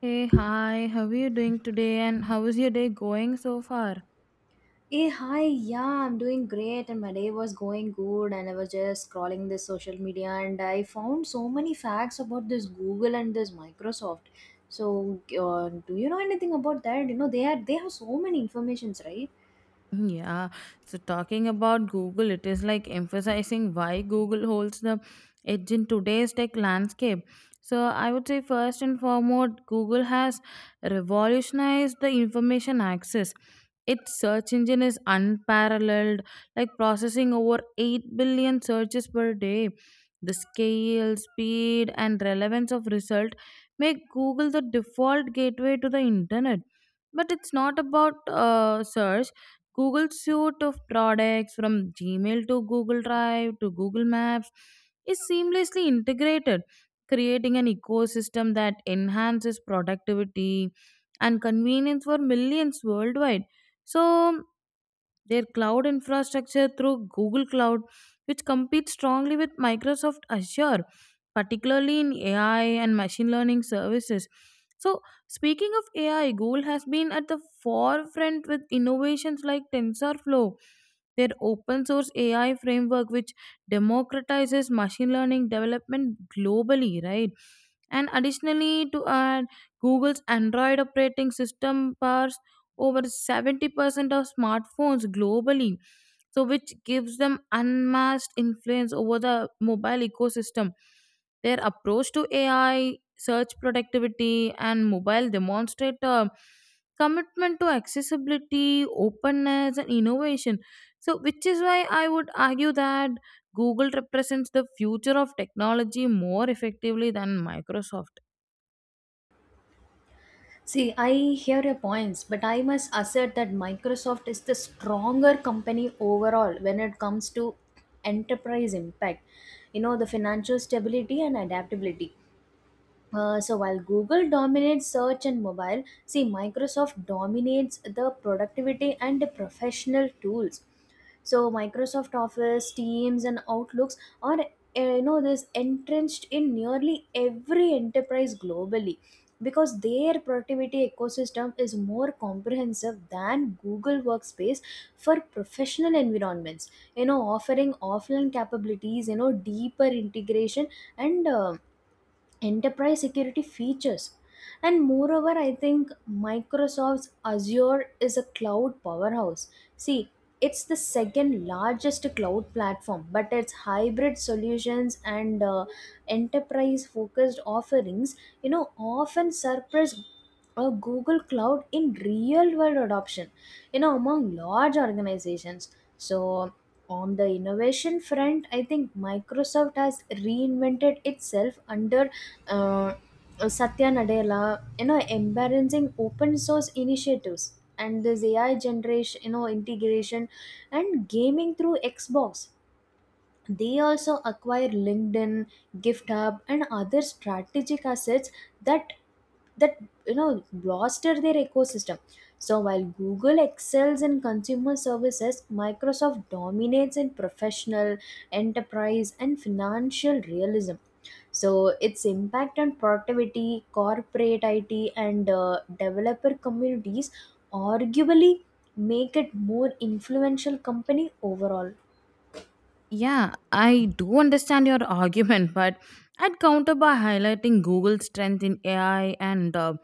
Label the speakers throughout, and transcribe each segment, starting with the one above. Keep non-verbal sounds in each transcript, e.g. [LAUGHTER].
Speaker 1: Hey, hi, how are you doing today and how is your day going so far?
Speaker 2: Hey, hi, yeah, I'm doing great, and my day was going good. And I was just scrolling this social media, and I found so many facts about this Google and this Microsoft. So, do you know anything about that? You know, they have so many informations, right?
Speaker 1: Mm, yeah. So talking about Google, it is like emphasizing why Google holds the edge in today's tech landscape. So I would say first and foremost, Google has revolutionized the information access. Its search engine is unparalleled, like processing over 8 billion searches per day. The scale, speed, and relevance of result make Google the default gateway to the internet. But it's not about search. Google suite of products from Gmail to Google Drive to Google Maps is seamlessly integrated, creating an ecosystem that enhances productivity and convenience for millions worldwide. So, their cloud infrastructure through Google Cloud, which competes strongly with Microsoft Azure, particularly in AI and machine learning services. So, speaking of AI, Google has been at the forefront with innovations like TensorFlow, their open source AI framework, which democratizes machine learning development globally, right? And additionally, to add, Google's Android operating system powers over 70% of smartphones globally, so which gives them unmatched influence over the mobile ecosystem. Their approach to AI, search productivity, and mobile demonstrate a commitment to accessibility, openness, and innovation. So, which is why I would argue that Google represents the future of technology more effectively than Microsoft.
Speaker 2: See, I hear your points, but I must assert that Microsoft is the stronger company overall when it comes to enterprise impact. You know, the financial stability and adaptability. So while Google dominates search and mobile, see, Microsoft dominates the productivity and the professional tools. So Microsoft Office, Teams, and Outlooks are you know, this entrenched in nearly every enterprise globally because their productivity ecosystem is more comprehensive than Google Workspace for professional environments. You know, offering offline capabilities, you know, deeper integration and enterprise security features. And moreover, I think Microsoft's Azure is a cloud powerhouse. See, it's the second largest cloud platform, but its hybrid solutions and enterprise focused offerings, you know, often surpass a Google Cloud in real world adoption, you know, among large organizations. So on the innovation front, I think Microsoft has reinvented itself under uh, Satya Nadella, you know, embarrassing open source initiatives and this AI generation, you know, integration and gaming through Xbox. They also acquire LinkedIn, gift, and other strategic assets that that, you know, bolster their ecosystem. So while Google excels in consumer services, Microsoft dominates in professional, enterprise, and financial realism. So its impact on productivity, corporate IT, and developer communities arguably make it more influential company overall.
Speaker 1: Yeah, I do understand your [LAUGHS] argument, but I'd counter by highlighting Google's strength in AI and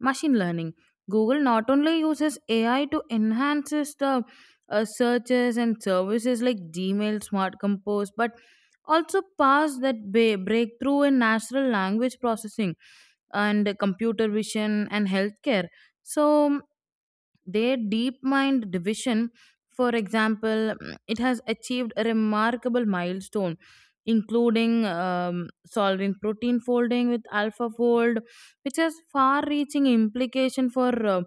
Speaker 1: machine learning. Google not only uses AI to enhances the searches and services like Gmail, Smart Compose, but also pass that breakthrough in natural language processing and computer vision and healthcare. So their deep mind division, for example, it has achieved a remarkable milestone, including solving protein folding with alpha fold, which has far reaching implication for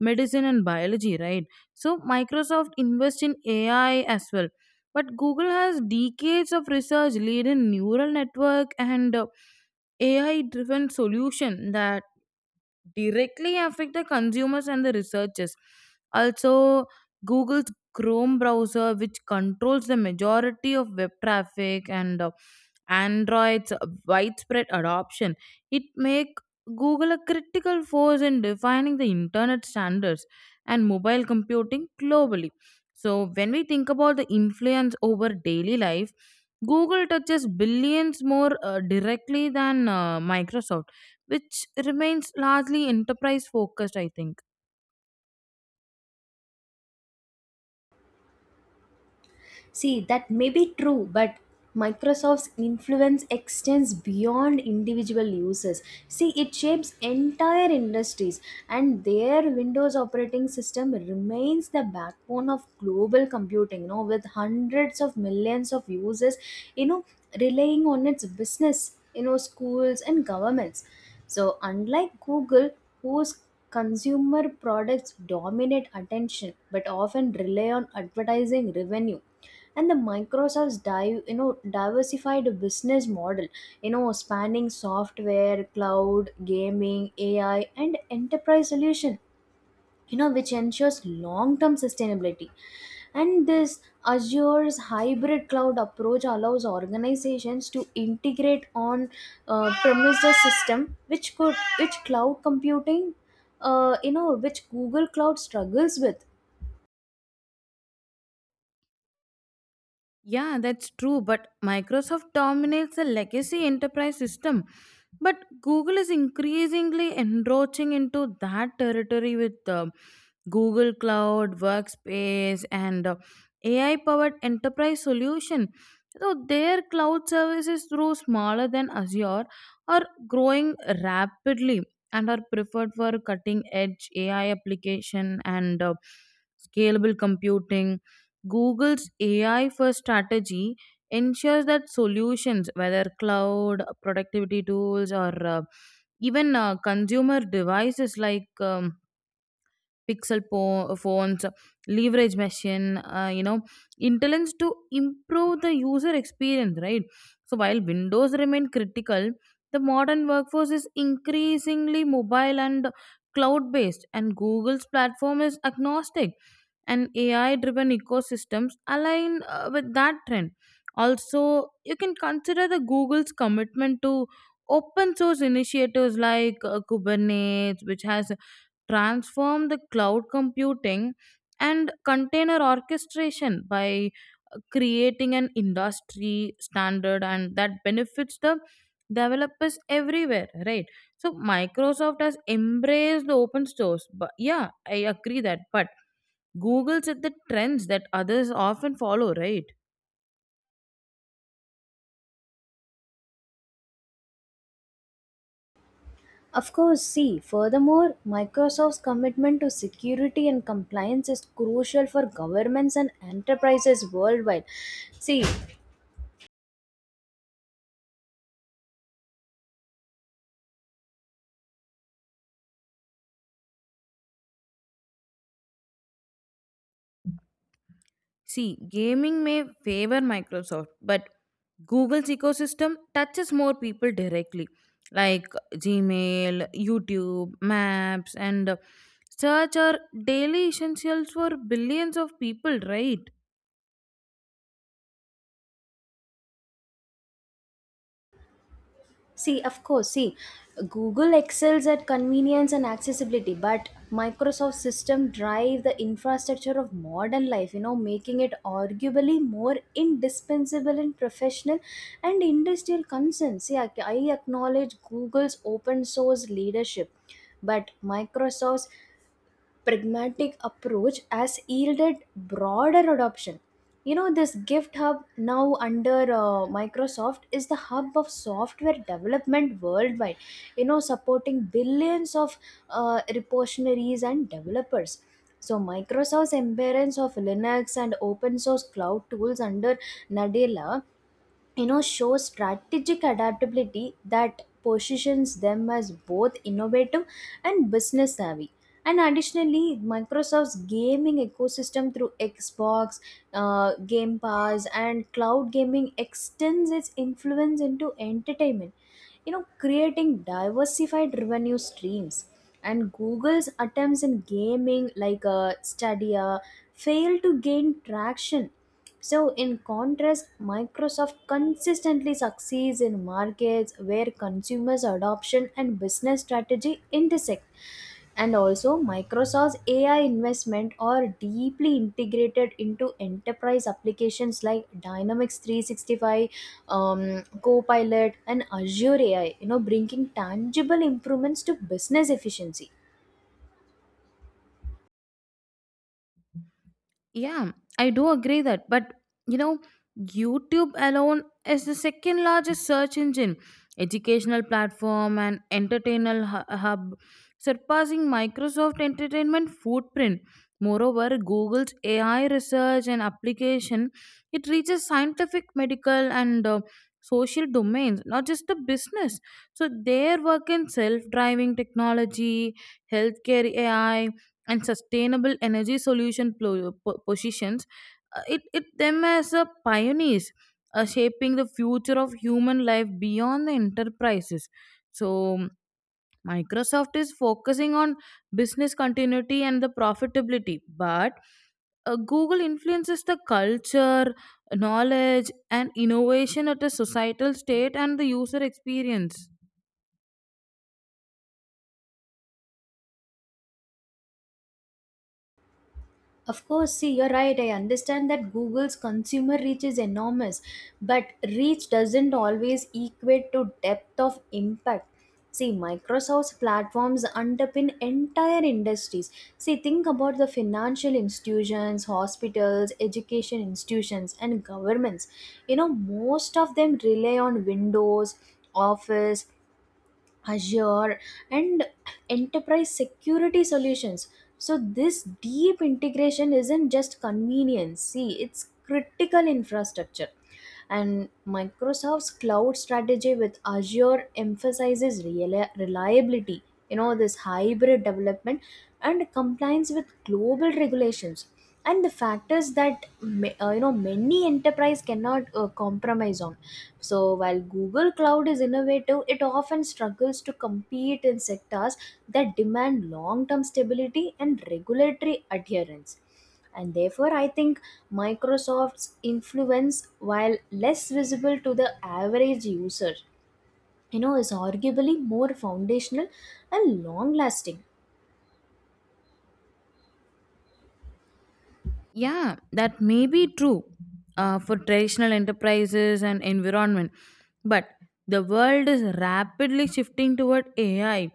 Speaker 1: medicine and biology, right? So Microsoft invests in AI as well. But Google has decades of research lead in neural network and AI driven solution that directly affect the consumers and the researchers. Also, Google's Chrome browser, which controls the majority of web traffic and Android's widespread adoption, it make Google a critical force in defining the internet standards and mobile computing globally. So when we think about the influence over daily life, Google touches billions more directly than Microsoft, which remains largely enterprise focused, I think.
Speaker 2: See, that may be true, but Microsoft's influence extends beyond individual users. See, it shapes entire industries, and their Windows operating system remains the backbone of global computing, you know, with hundreds of millions of users, you know, relying on its business, you know, schools and governments. So, unlike Google, whose consumer products dominate attention but often rely on advertising revenue. And the Microsoft's diversified business model, you know, spanning software, cloud, gaming, AI, and enterprise solution, you know, which ensures long term sustainability. And this Azure's hybrid cloud approach allows organizations to integrate on premises system which cloud computing, you know, which Google Cloud struggles with.
Speaker 1: Yeah, that's true, but Microsoft dominates the legacy enterprise system. But Google is increasingly encroaching into that territory with Google Cloud, Workspace, and AI powered enterprise solution. So their cloud services, though smaller than Azure, are growing rapidly and are preferred for cutting edge AI application and scalable computing. Google's AI first strategy ensures that solutions, whether cloud, productivity tools, or even consumer devices like phones, leverage machine, intelligence to improve the user experience, right? So while Windows remain critical, the modern workforce is increasingly mobile and cloud based, and Google's platform is agnostic and AI driven ecosystems align with that trend. Also, you can consider the Google's commitment to open source initiatives like Kubernetes, which has transformed the cloud computing and container orchestration by creating an industry standard and that benefits the developers everywhere, right? So Microsoft has embraced the open source, but yeah, I agree that, but Google set the trends that others often follow, right?
Speaker 2: Of course, see, furthermore, Microsoft's commitment to security and compliance is crucial for governments and enterprises worldwide. See.
Speaker 1: See, gaming may favor Microsoft, but Google's ecosystem touches more people directly, like Gmail, YouTube, Maps, and search are daily essentials for billions of people, right?
Speaker 2: See, of course, see, Google excels at convenience and accessibility, but Microsoft system drive the infrastructure of modern life, you know, making it arguably more indispensable in professional and industrial concerns. See, I acknowledge Google's open source leadership, but Microsoft's pragmatic approach has yielded broader adoption. You know, this Gift Hub now under Microsoft is the hub of software development worldwide, you know, supporting billions of repositories and developers. So, Microsoft's embrace of Linux and open source cloud tools under Nadella, you know, show strategic adaptability that positions them as both innovative and business savvy. And additionally, Microsoft's gaming ecosystem through Xbox, Game Pass, and cloud gaming extends its influence into entertainment, you know, creating diversified revenue streams. And Google's attempts in gaming like Stadia failed to gain traction. So, in contrast, Microsoft consistently succeeds in markets where consumers' adoption and business strategy intersect. And also, Microsoft's AI investment are deeply integrated into enterprise applications like Dynamics 365, Copilot, and Azure AI, you know, bringing tangible improvements to business efficiency.
Speaker 1: Yeah, I do agree that. But you know, YouTube alone is the second largest search engine, educational platform, and entertainment hub, surpassing Microsoft Entertainment footprint. Moreover, Google's AI research and application it reaches scientific, medical, and social domains, not just the business. So their work in self-driving technology, healthcare AI, and sustainable energy solution positions it them as a pioneers shaping the future of human life beyond the enterprises. So Microsoft is focusing on business continuity and the profitability, but Google influences the culture, knowledge, and innovation at a societal state and the user experience.
Speaker 2: Of course, see, you're right. I understand that Google's consumer reach is enormous, but reach doesn't always equate to depth of impact. See, Microsoft's platforms underpin entire industries. See, think about the financial institutions, hospitals, education institutions, and governments. You know, most of them rely on Windows, Office, Azure, and enterprise security solutions. So, this deep integration isn't just convenience, see, it's critical infrastructure. And Microsoft's cloud strategy with Azure emphasizes reliability, you know, this hybrid development and compliance with global regulations and the factors that you know, many enterprise cannot compromise on. So while Google Cloud is innovative, it often struggles to compete in sectors that demand long term stability and regulatory adherence. And therefore I think Microsoft's influence, while less visible to the average user, you know, is arguably more foundational and long lasting.
Speaker 1: Yeah, that may be true for traditional enterprises and environment, but the world is rapidly shifting toward AI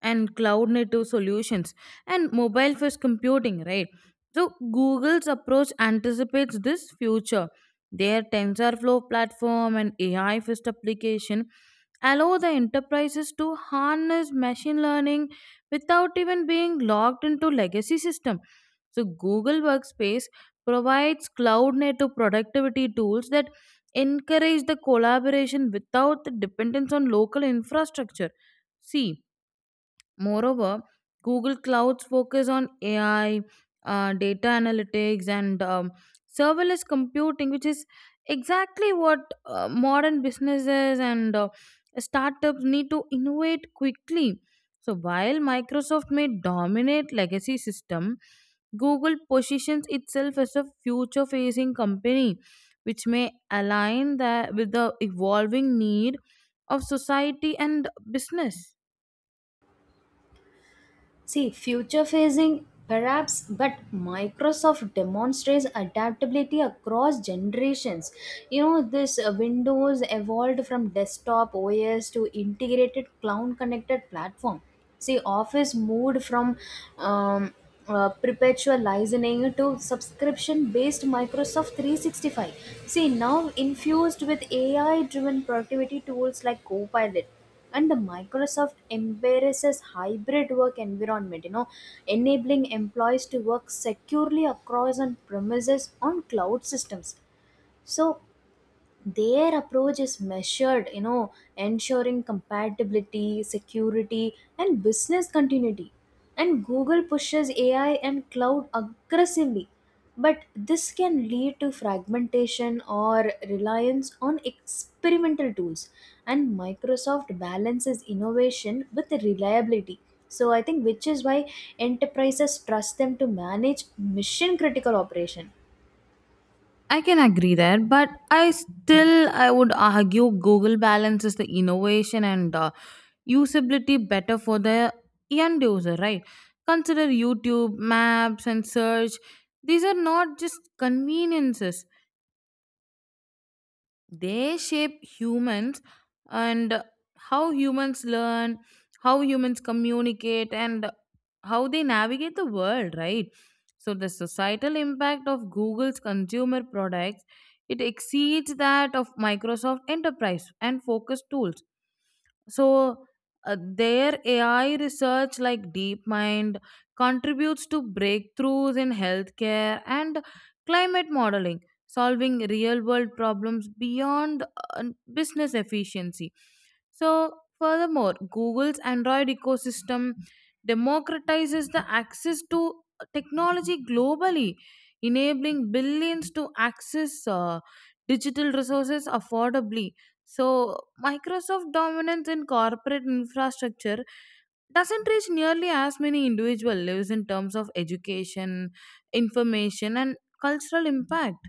Speaker 1: and cloud native solutions and mobile first computing, right? So, Google's approach anticipates this future. Their TensorFlow platform and AI first application allow the enterprises to harness machine learning without even being locked into legacy system. So Google Workspace provides cloud native productivity tools that encourage the collaboration without the dependence on local infrastructure. See, moreover, Google Cloud's focus on AI, data analytics, and serverless computing, which is exactly what modern businesses and startups need to innovate quickly. So while Microsoft may dominate legacy system, Google positions itself as a future-facing company, which may align that with the evolving need of society and business.
Speaker 2: See, future facing perhaps, but Microsoft demonstrates adaptability across generations. You know, this Windows evolved from desktop OS to integrated cloud connected platform. See, Office moved from um, perpetual licensing to subscription based Microsoft 365. See, now infused with AI driven productivity tools like Copilot. And the Microsoft embraces hybrid work environment, you know, enabling employees to work securely across on premises on cloud systems. So their approach is measured, you know, ensuring compatibility, security, and business continuity. And Google pushes AI and cloud aggressively, but this can lead to fragmentation or reliance on experimental tools. And Microsoft balances innovation with reliability. So I think, which is why enterprises trust them to manage mission critical operation.
Speaker 1: I can agree there, but I still I would argue Google balances the innovation and usability better for the end user, right? Consider YouTube, Maps, and search. These are not just conveniences; they shape humans and how humans learn, how humans communicate, and how they navigate the world, right? So the societal impact of Google's consumer products it exceeds that of Microsoft enterprise and focus tools. So their AI research like DeepMind contributes to breakthroughs in healthcare and climate modeling, solving real world problems beyond uh, business efficiency. So furthermore, Google's Android ecosystem democratizes the access to technology globally, enabling billions to access digital resources affordably. So, Microsoft dominance in corporate infrastructure doesn't reach nearly as many individual lives in terms of education, information, and cultural impact.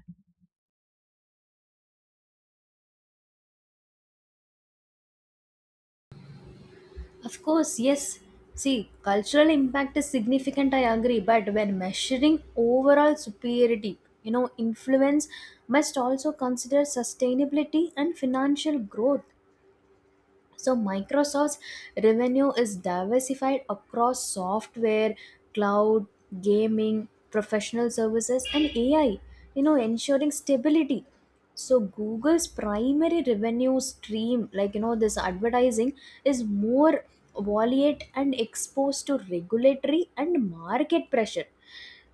Speaker 2: Of course, yes. See, cultural impact is significant, I agree, but when measuring overall superiority, you know, influence must also consider sustainability and financial growth. So Microsoft's revenue is diversified across software, cloud, gaming, professional services, and AI, you know, ensuring stability. So Google's primary revenue stream, like, you know, this advertising is more volatile and exposed to regulatory and market pressure.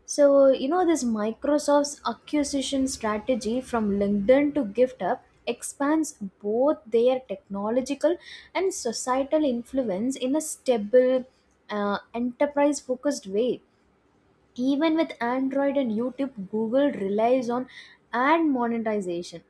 Speaker 2: So, you know, this Microsoft's acquisition strategy from LinkedIn to GiftUp expands both their technological and societal influence in a stable, enterprise focused way. Even with Android and YouTube, Google relies on ad monetization.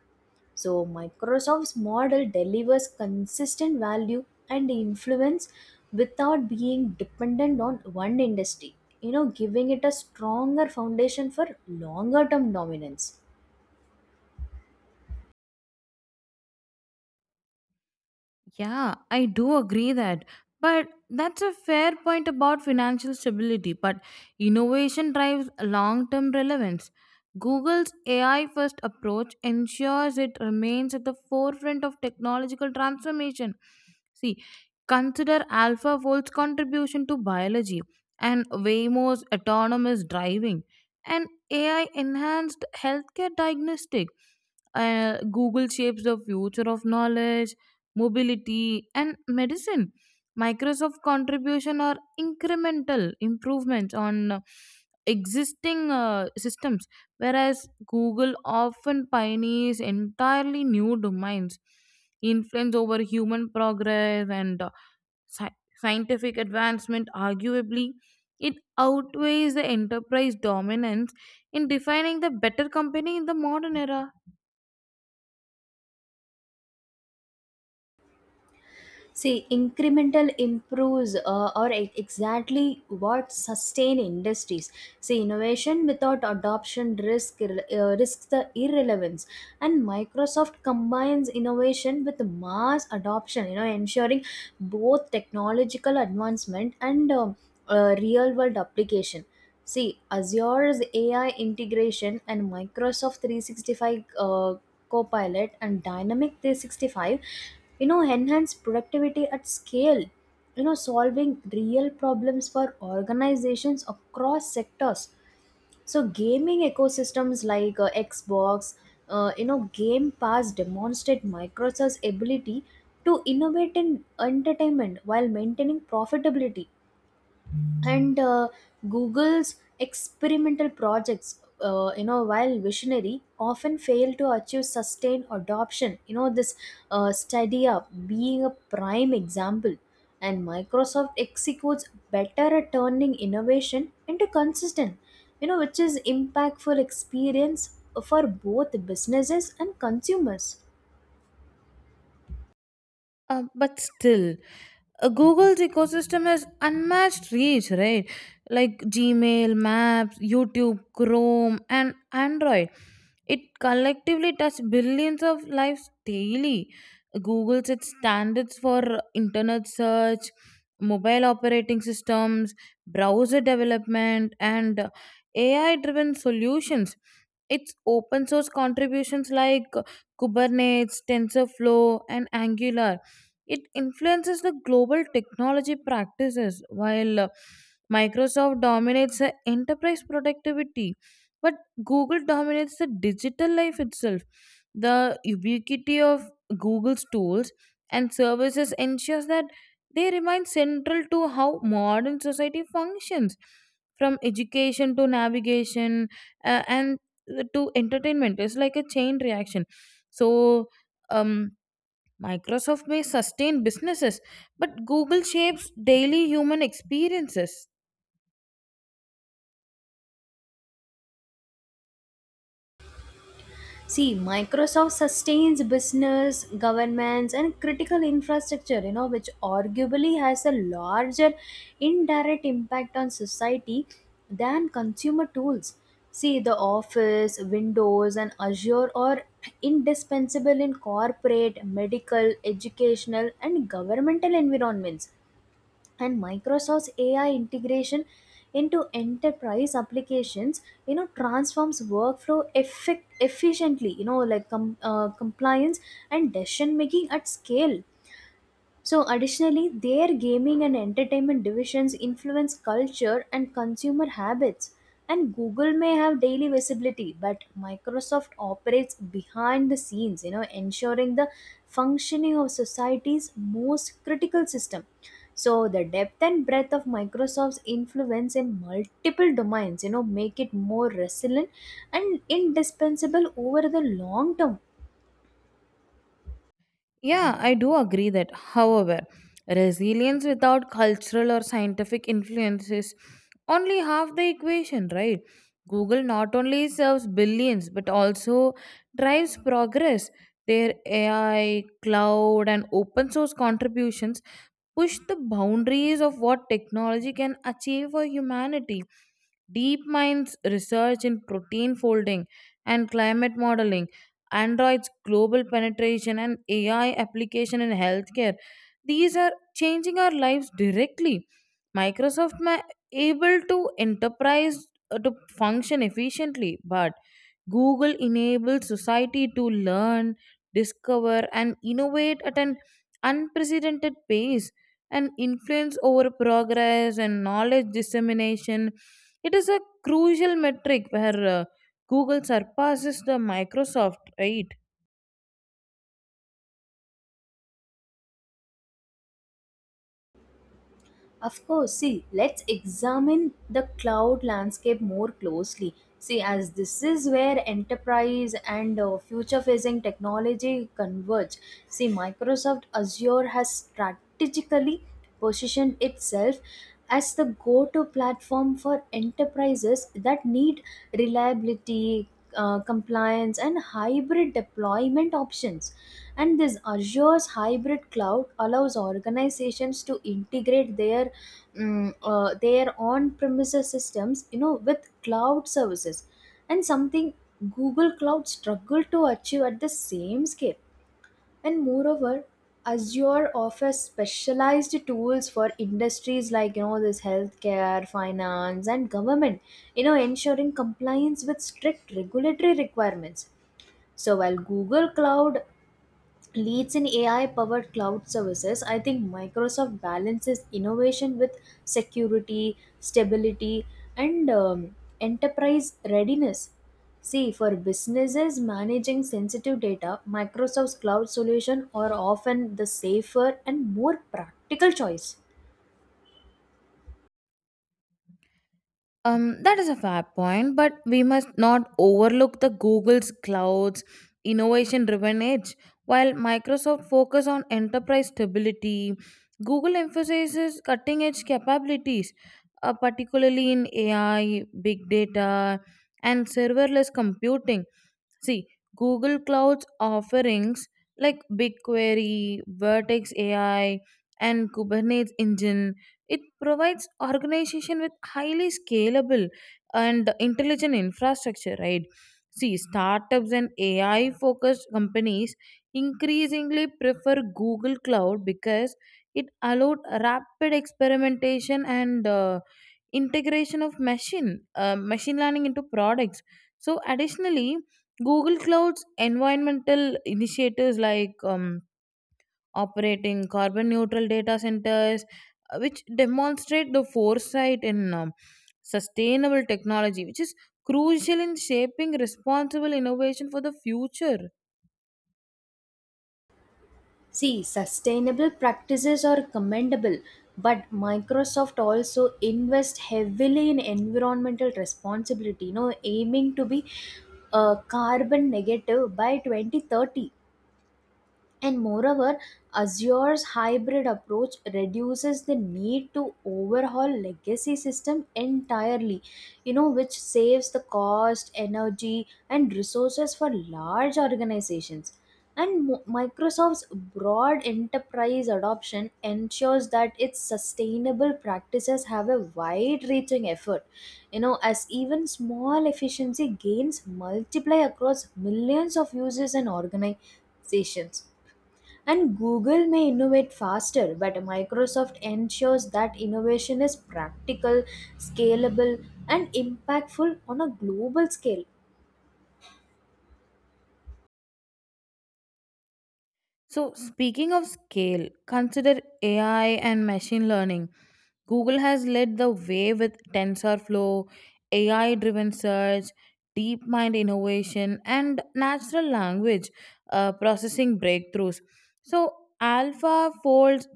Speaker 2: So, Microsoft's model delivers consistent value and influence without being dependent on one industry, you know, giving it a stronger foundation for longer term dominance.
Speaker 1: Yeah, I do agree that. But that's a fair point about financial stability. But innovation drives long term relevance. Google's AI first approach ensures it remains at the forefront of technological transformation. See, consider alpha fold's contribution to biology and Waymo's autonomous driving and AI enhanced healthcare diagnostic. Google shapes the future of knowledge, mobility, and medicine. Microsoft contribution are incremental improvements on existing systems, whereas Google often pioneers entirely new domains influence over human progress and scientific advancement. Arguably, it outweighs the enterprise dominance in defining the better company in the modern era.
Speaker 2: See, incremental improves are exactly what sustain industries. See, innovation without adoption risk risks the irrelevance, and Microsoft combines innovation with mass adoption. You know, ensuring both technological advancement and real world application. See, Azure's AI integration and Microsoft 365 Copilot and Dynamic 365, you know, enhance productivity at scale, you know, solving real problems for organizations across sectors. So, gaming ecosystems like Xbox, you know, Game Pass demonstrate Microsoft's ability to innovate in entertainment while maintaining profitability. And Google's experimental projects, you know, while visionary often fail to achieve sustained adoption, you know, this Stadia being a prime example. And Microsoft executes better at turning innovation into consistent, you know, which is impactful experience for both businesses and consumers.
Speaker 1: But still, Google's ecosystem has unmatched reach, right? Like Gmail, Maps, YouTube, Chrome, and Android. It collectively touches billions of lives daily. Google sets standards for internet search, mobile operating systems, browser development, and AI driven solutions. Its open source contributions like Kubernetes, TensorFlow, and Angular it influences the global technology practices while Microsoft dominates the enterprise productivity, but Google dominates the digital life itself. The ubiquity of Google's tools and services ensures that they remain central to how modern society functions, from education to navigation and to entertainment. It's like a chain reaction. So um Microsoft may sustain businesses, but Google shapes daily human experiences.
Speaker 2: See, Microsoft sustains business, governments, and critical infrastructure, you know, which arguably has a larger indirect impact on society than consumer tools. See, the Office, Windows, and Azure are indispensable in corporate, medical, educational, and governmental environments. And Microsoft's AI integration into enterprise applications, you know, transforms workflow effect efficiently, you know, like compliance and decision making at scale. So, additionally, their gaming and entertainment divisions influence culture and consumer habits. And Google may have daily visibility, but Microsoft operates behind the scenes, you know, ensuring the functioning of society's most critical system. So, the depth and breadth of Microsoft's influence in multiple domains, you know, make it more resilient and indispensable over the long term.
Speaker 1: Yeah, I do agree that. However, resilience without cultural or scientific influence is only half the equation, right? Google not only serves billions but also drives progress. Their AI, cloud, and open source contributions push the boundaries of what technology can achieve for humanity. DeepMind's research in protein folding and climate modeling, Android's global penetration, and AI application in healthcare, these are changing our lives directly. Microsoft ma- Able to enterprise to function efficiently, but Google enables society to learn, discover, and innovate at an unprecedented pace, and influence over progress and knowledge dissemination. It is a crucial metric where Google surpasses the Microsoft, right?
Speaker 2: Of course, see, let's examine the cloud landscape more closely. See, as this is where enterprise and future facing technology converge. See, Microsoft Azure has strategically positioned itself as the go to platform for enterprises that need reliability, compliance, and hybrid deployment options. And this Azure's hybrid cloud allows organizations to integrate their their on-premises systems, you know, with cloud services, and something Google Cloud struggled to achieve at the same scale. And moreover, Azure offers specialized tools for industries like, you know, this healthcare, finance, and government, you know, ensuring compliance with strict regulatory requirements. So while Google Cloud leads in AI powered cloud services, I think Microsoft balances innovation with security, stability, and enterprise readiness. See, for businesses managing sensitive data, Microsoft's cloud solution are often the safer and more practical choice.
Speaker 1: That is a fair point, but we must not overlook the Google's clouds innovation-driven edge. While Microsoft focus on enterprise stability, Google emphasizes cutting-edge capabilities, particularly in AI, big data, and serverless computing. See, Google Cloud's offerings like BigQuery, Vertex AI, and Kubernetes Engine, it provides organization with highly scalable and intelligent infrastructure, right? See, startups and AI focused companies increasingly prefer Google Cloud because it allowed rapid experimentation and integration of machine learning into products. So additionally, Google Cloud's environmental initiatives like operating carbon neutral data centers, which demonstrate the foresight in sustainable technology, which is crucial in shaping responsible innovation for the future.
Speaker 2: See, sustainable practices are commendable, but Microsoft also invests heavily in environmental responsibility, you know, aiming to be carbon negative by 2030. And moreover, Azure's hybrid approach reduces the need to overhaul legacy system entirely, you know, which saves the cost, energy, and resources for large organizations. And Microsoft's broad enterprise adoption ensures that its sustainable practices have a wide-reaching effort, you know, as even small efficiency gains multiply across millions of users and organizations. And Google may innovate faster, but Microsoft ensures that innovation is practical, scalable, and impactful on a global scale.
Speaker 1: So, speaking of scale, consider AI and machine learning. Google has led the way with TensorFlow, AI driven search, DeepMind innovation, and natural language processing breakthroughs. So, alpha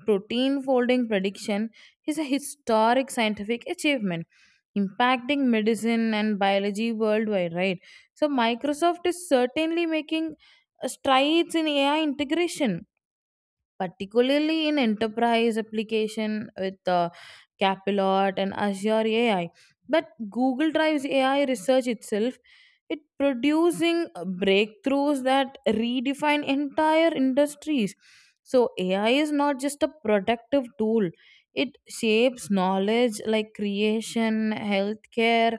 Speaker 1: protein folding prediction is a historic scientific achievement impacting medicine and biology worldwide, right? So, Microsoft is certainly making strides in AI integration, particularly in enterprise application with Capilot and Azure AI. But Google Drive's AI research itself, it producing breakthroughs that redefine entire industries. So AI is not just a productive tool; it shapes knowledge like creation, healthcare,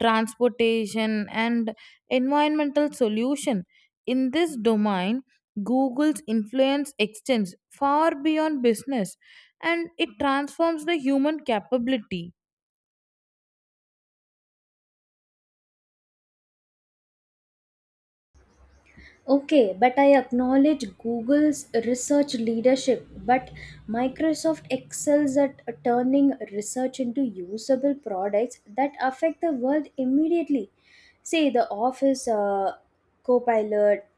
Speaker 1: transportation, and environmental solution. In this domain, Google's influence extends far beyond business and it transforms the human capability.
Speaker 2: Okay, but I acknowledge Google's research leadership, but Microsoft excels at turning research into usable products that affect the world immediately. Say the Office Copilot,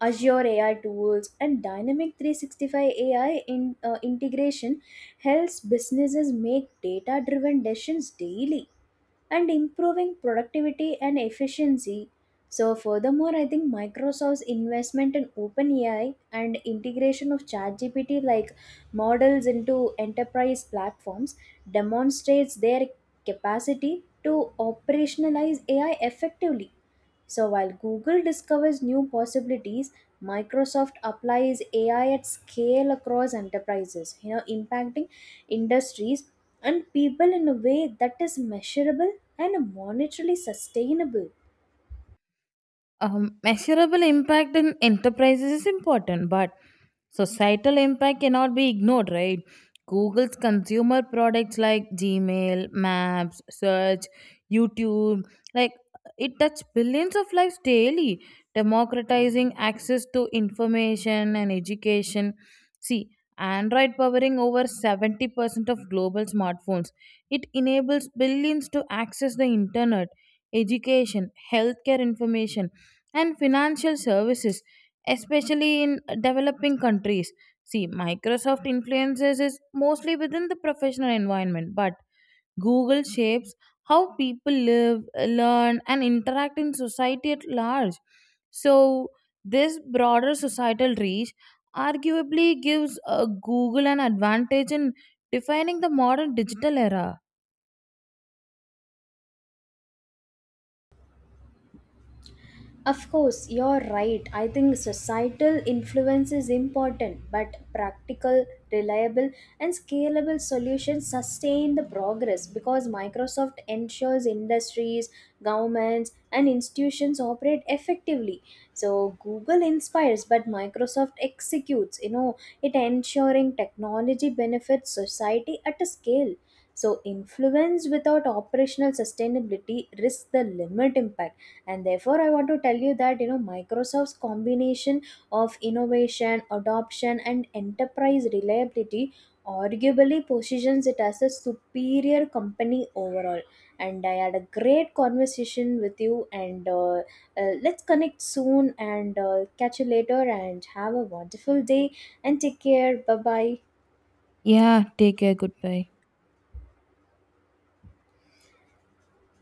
Speaker 2: Azure AI tools, and Dynamic 365 AI integration helps businesses make data driven decisions daily and improving productivity and efficiency. So, furthermore, I think Microsoft's investment in OpenAI and integration of ChatGPT like models into enterprise platforms demonstrates their capacity to operationalize AI effectively. So, while Google discovers new possibilities, Microsoft applies AI at scale across enterprises, you know, impacting industries and people in a way that is measurable and are monetarily sustainable.
Speaker 1: Measurable impact in enterprises is important, but societal impact cannot be ignored, right? Google's consumer products like Gmail, Maps, Search, YouTube, like it touch billions of lives daily, democratizing access to information and education. See, Android powering over 70% of global smartphones. It enables billions to access the internet, education, healthcare information and financial services, especially in developing countries. See, Microsoft influences is mostly within the professional environment, but Google shapes how people live, learn, and interact in society at large. So, this broader societal reach arguably gives Google an advantage in defining the modern digital era.
Speaker 2: Of course, you're right. I think societal influence is important, but practical, reliable, and scalable solutions sustain the progress because Microsoft ensures industries, governments, and institutions operate effectively. So Google inspires, but Microsoft executes, you know, it ensuring technology benefits society at a scale. So, influence without operational sustainability risks the limit impact. And therefore I want to tell you that, you know, Microsoft's combination of innovation, adoption, and enterprise reliability arguably positions it as a superior company overall. And I had a great conversation with you, and let's connect soon, and catch you later, and have a wonderful day, and take care. Bye bye.
Speaker 1: Yeah, take care. Goodbye.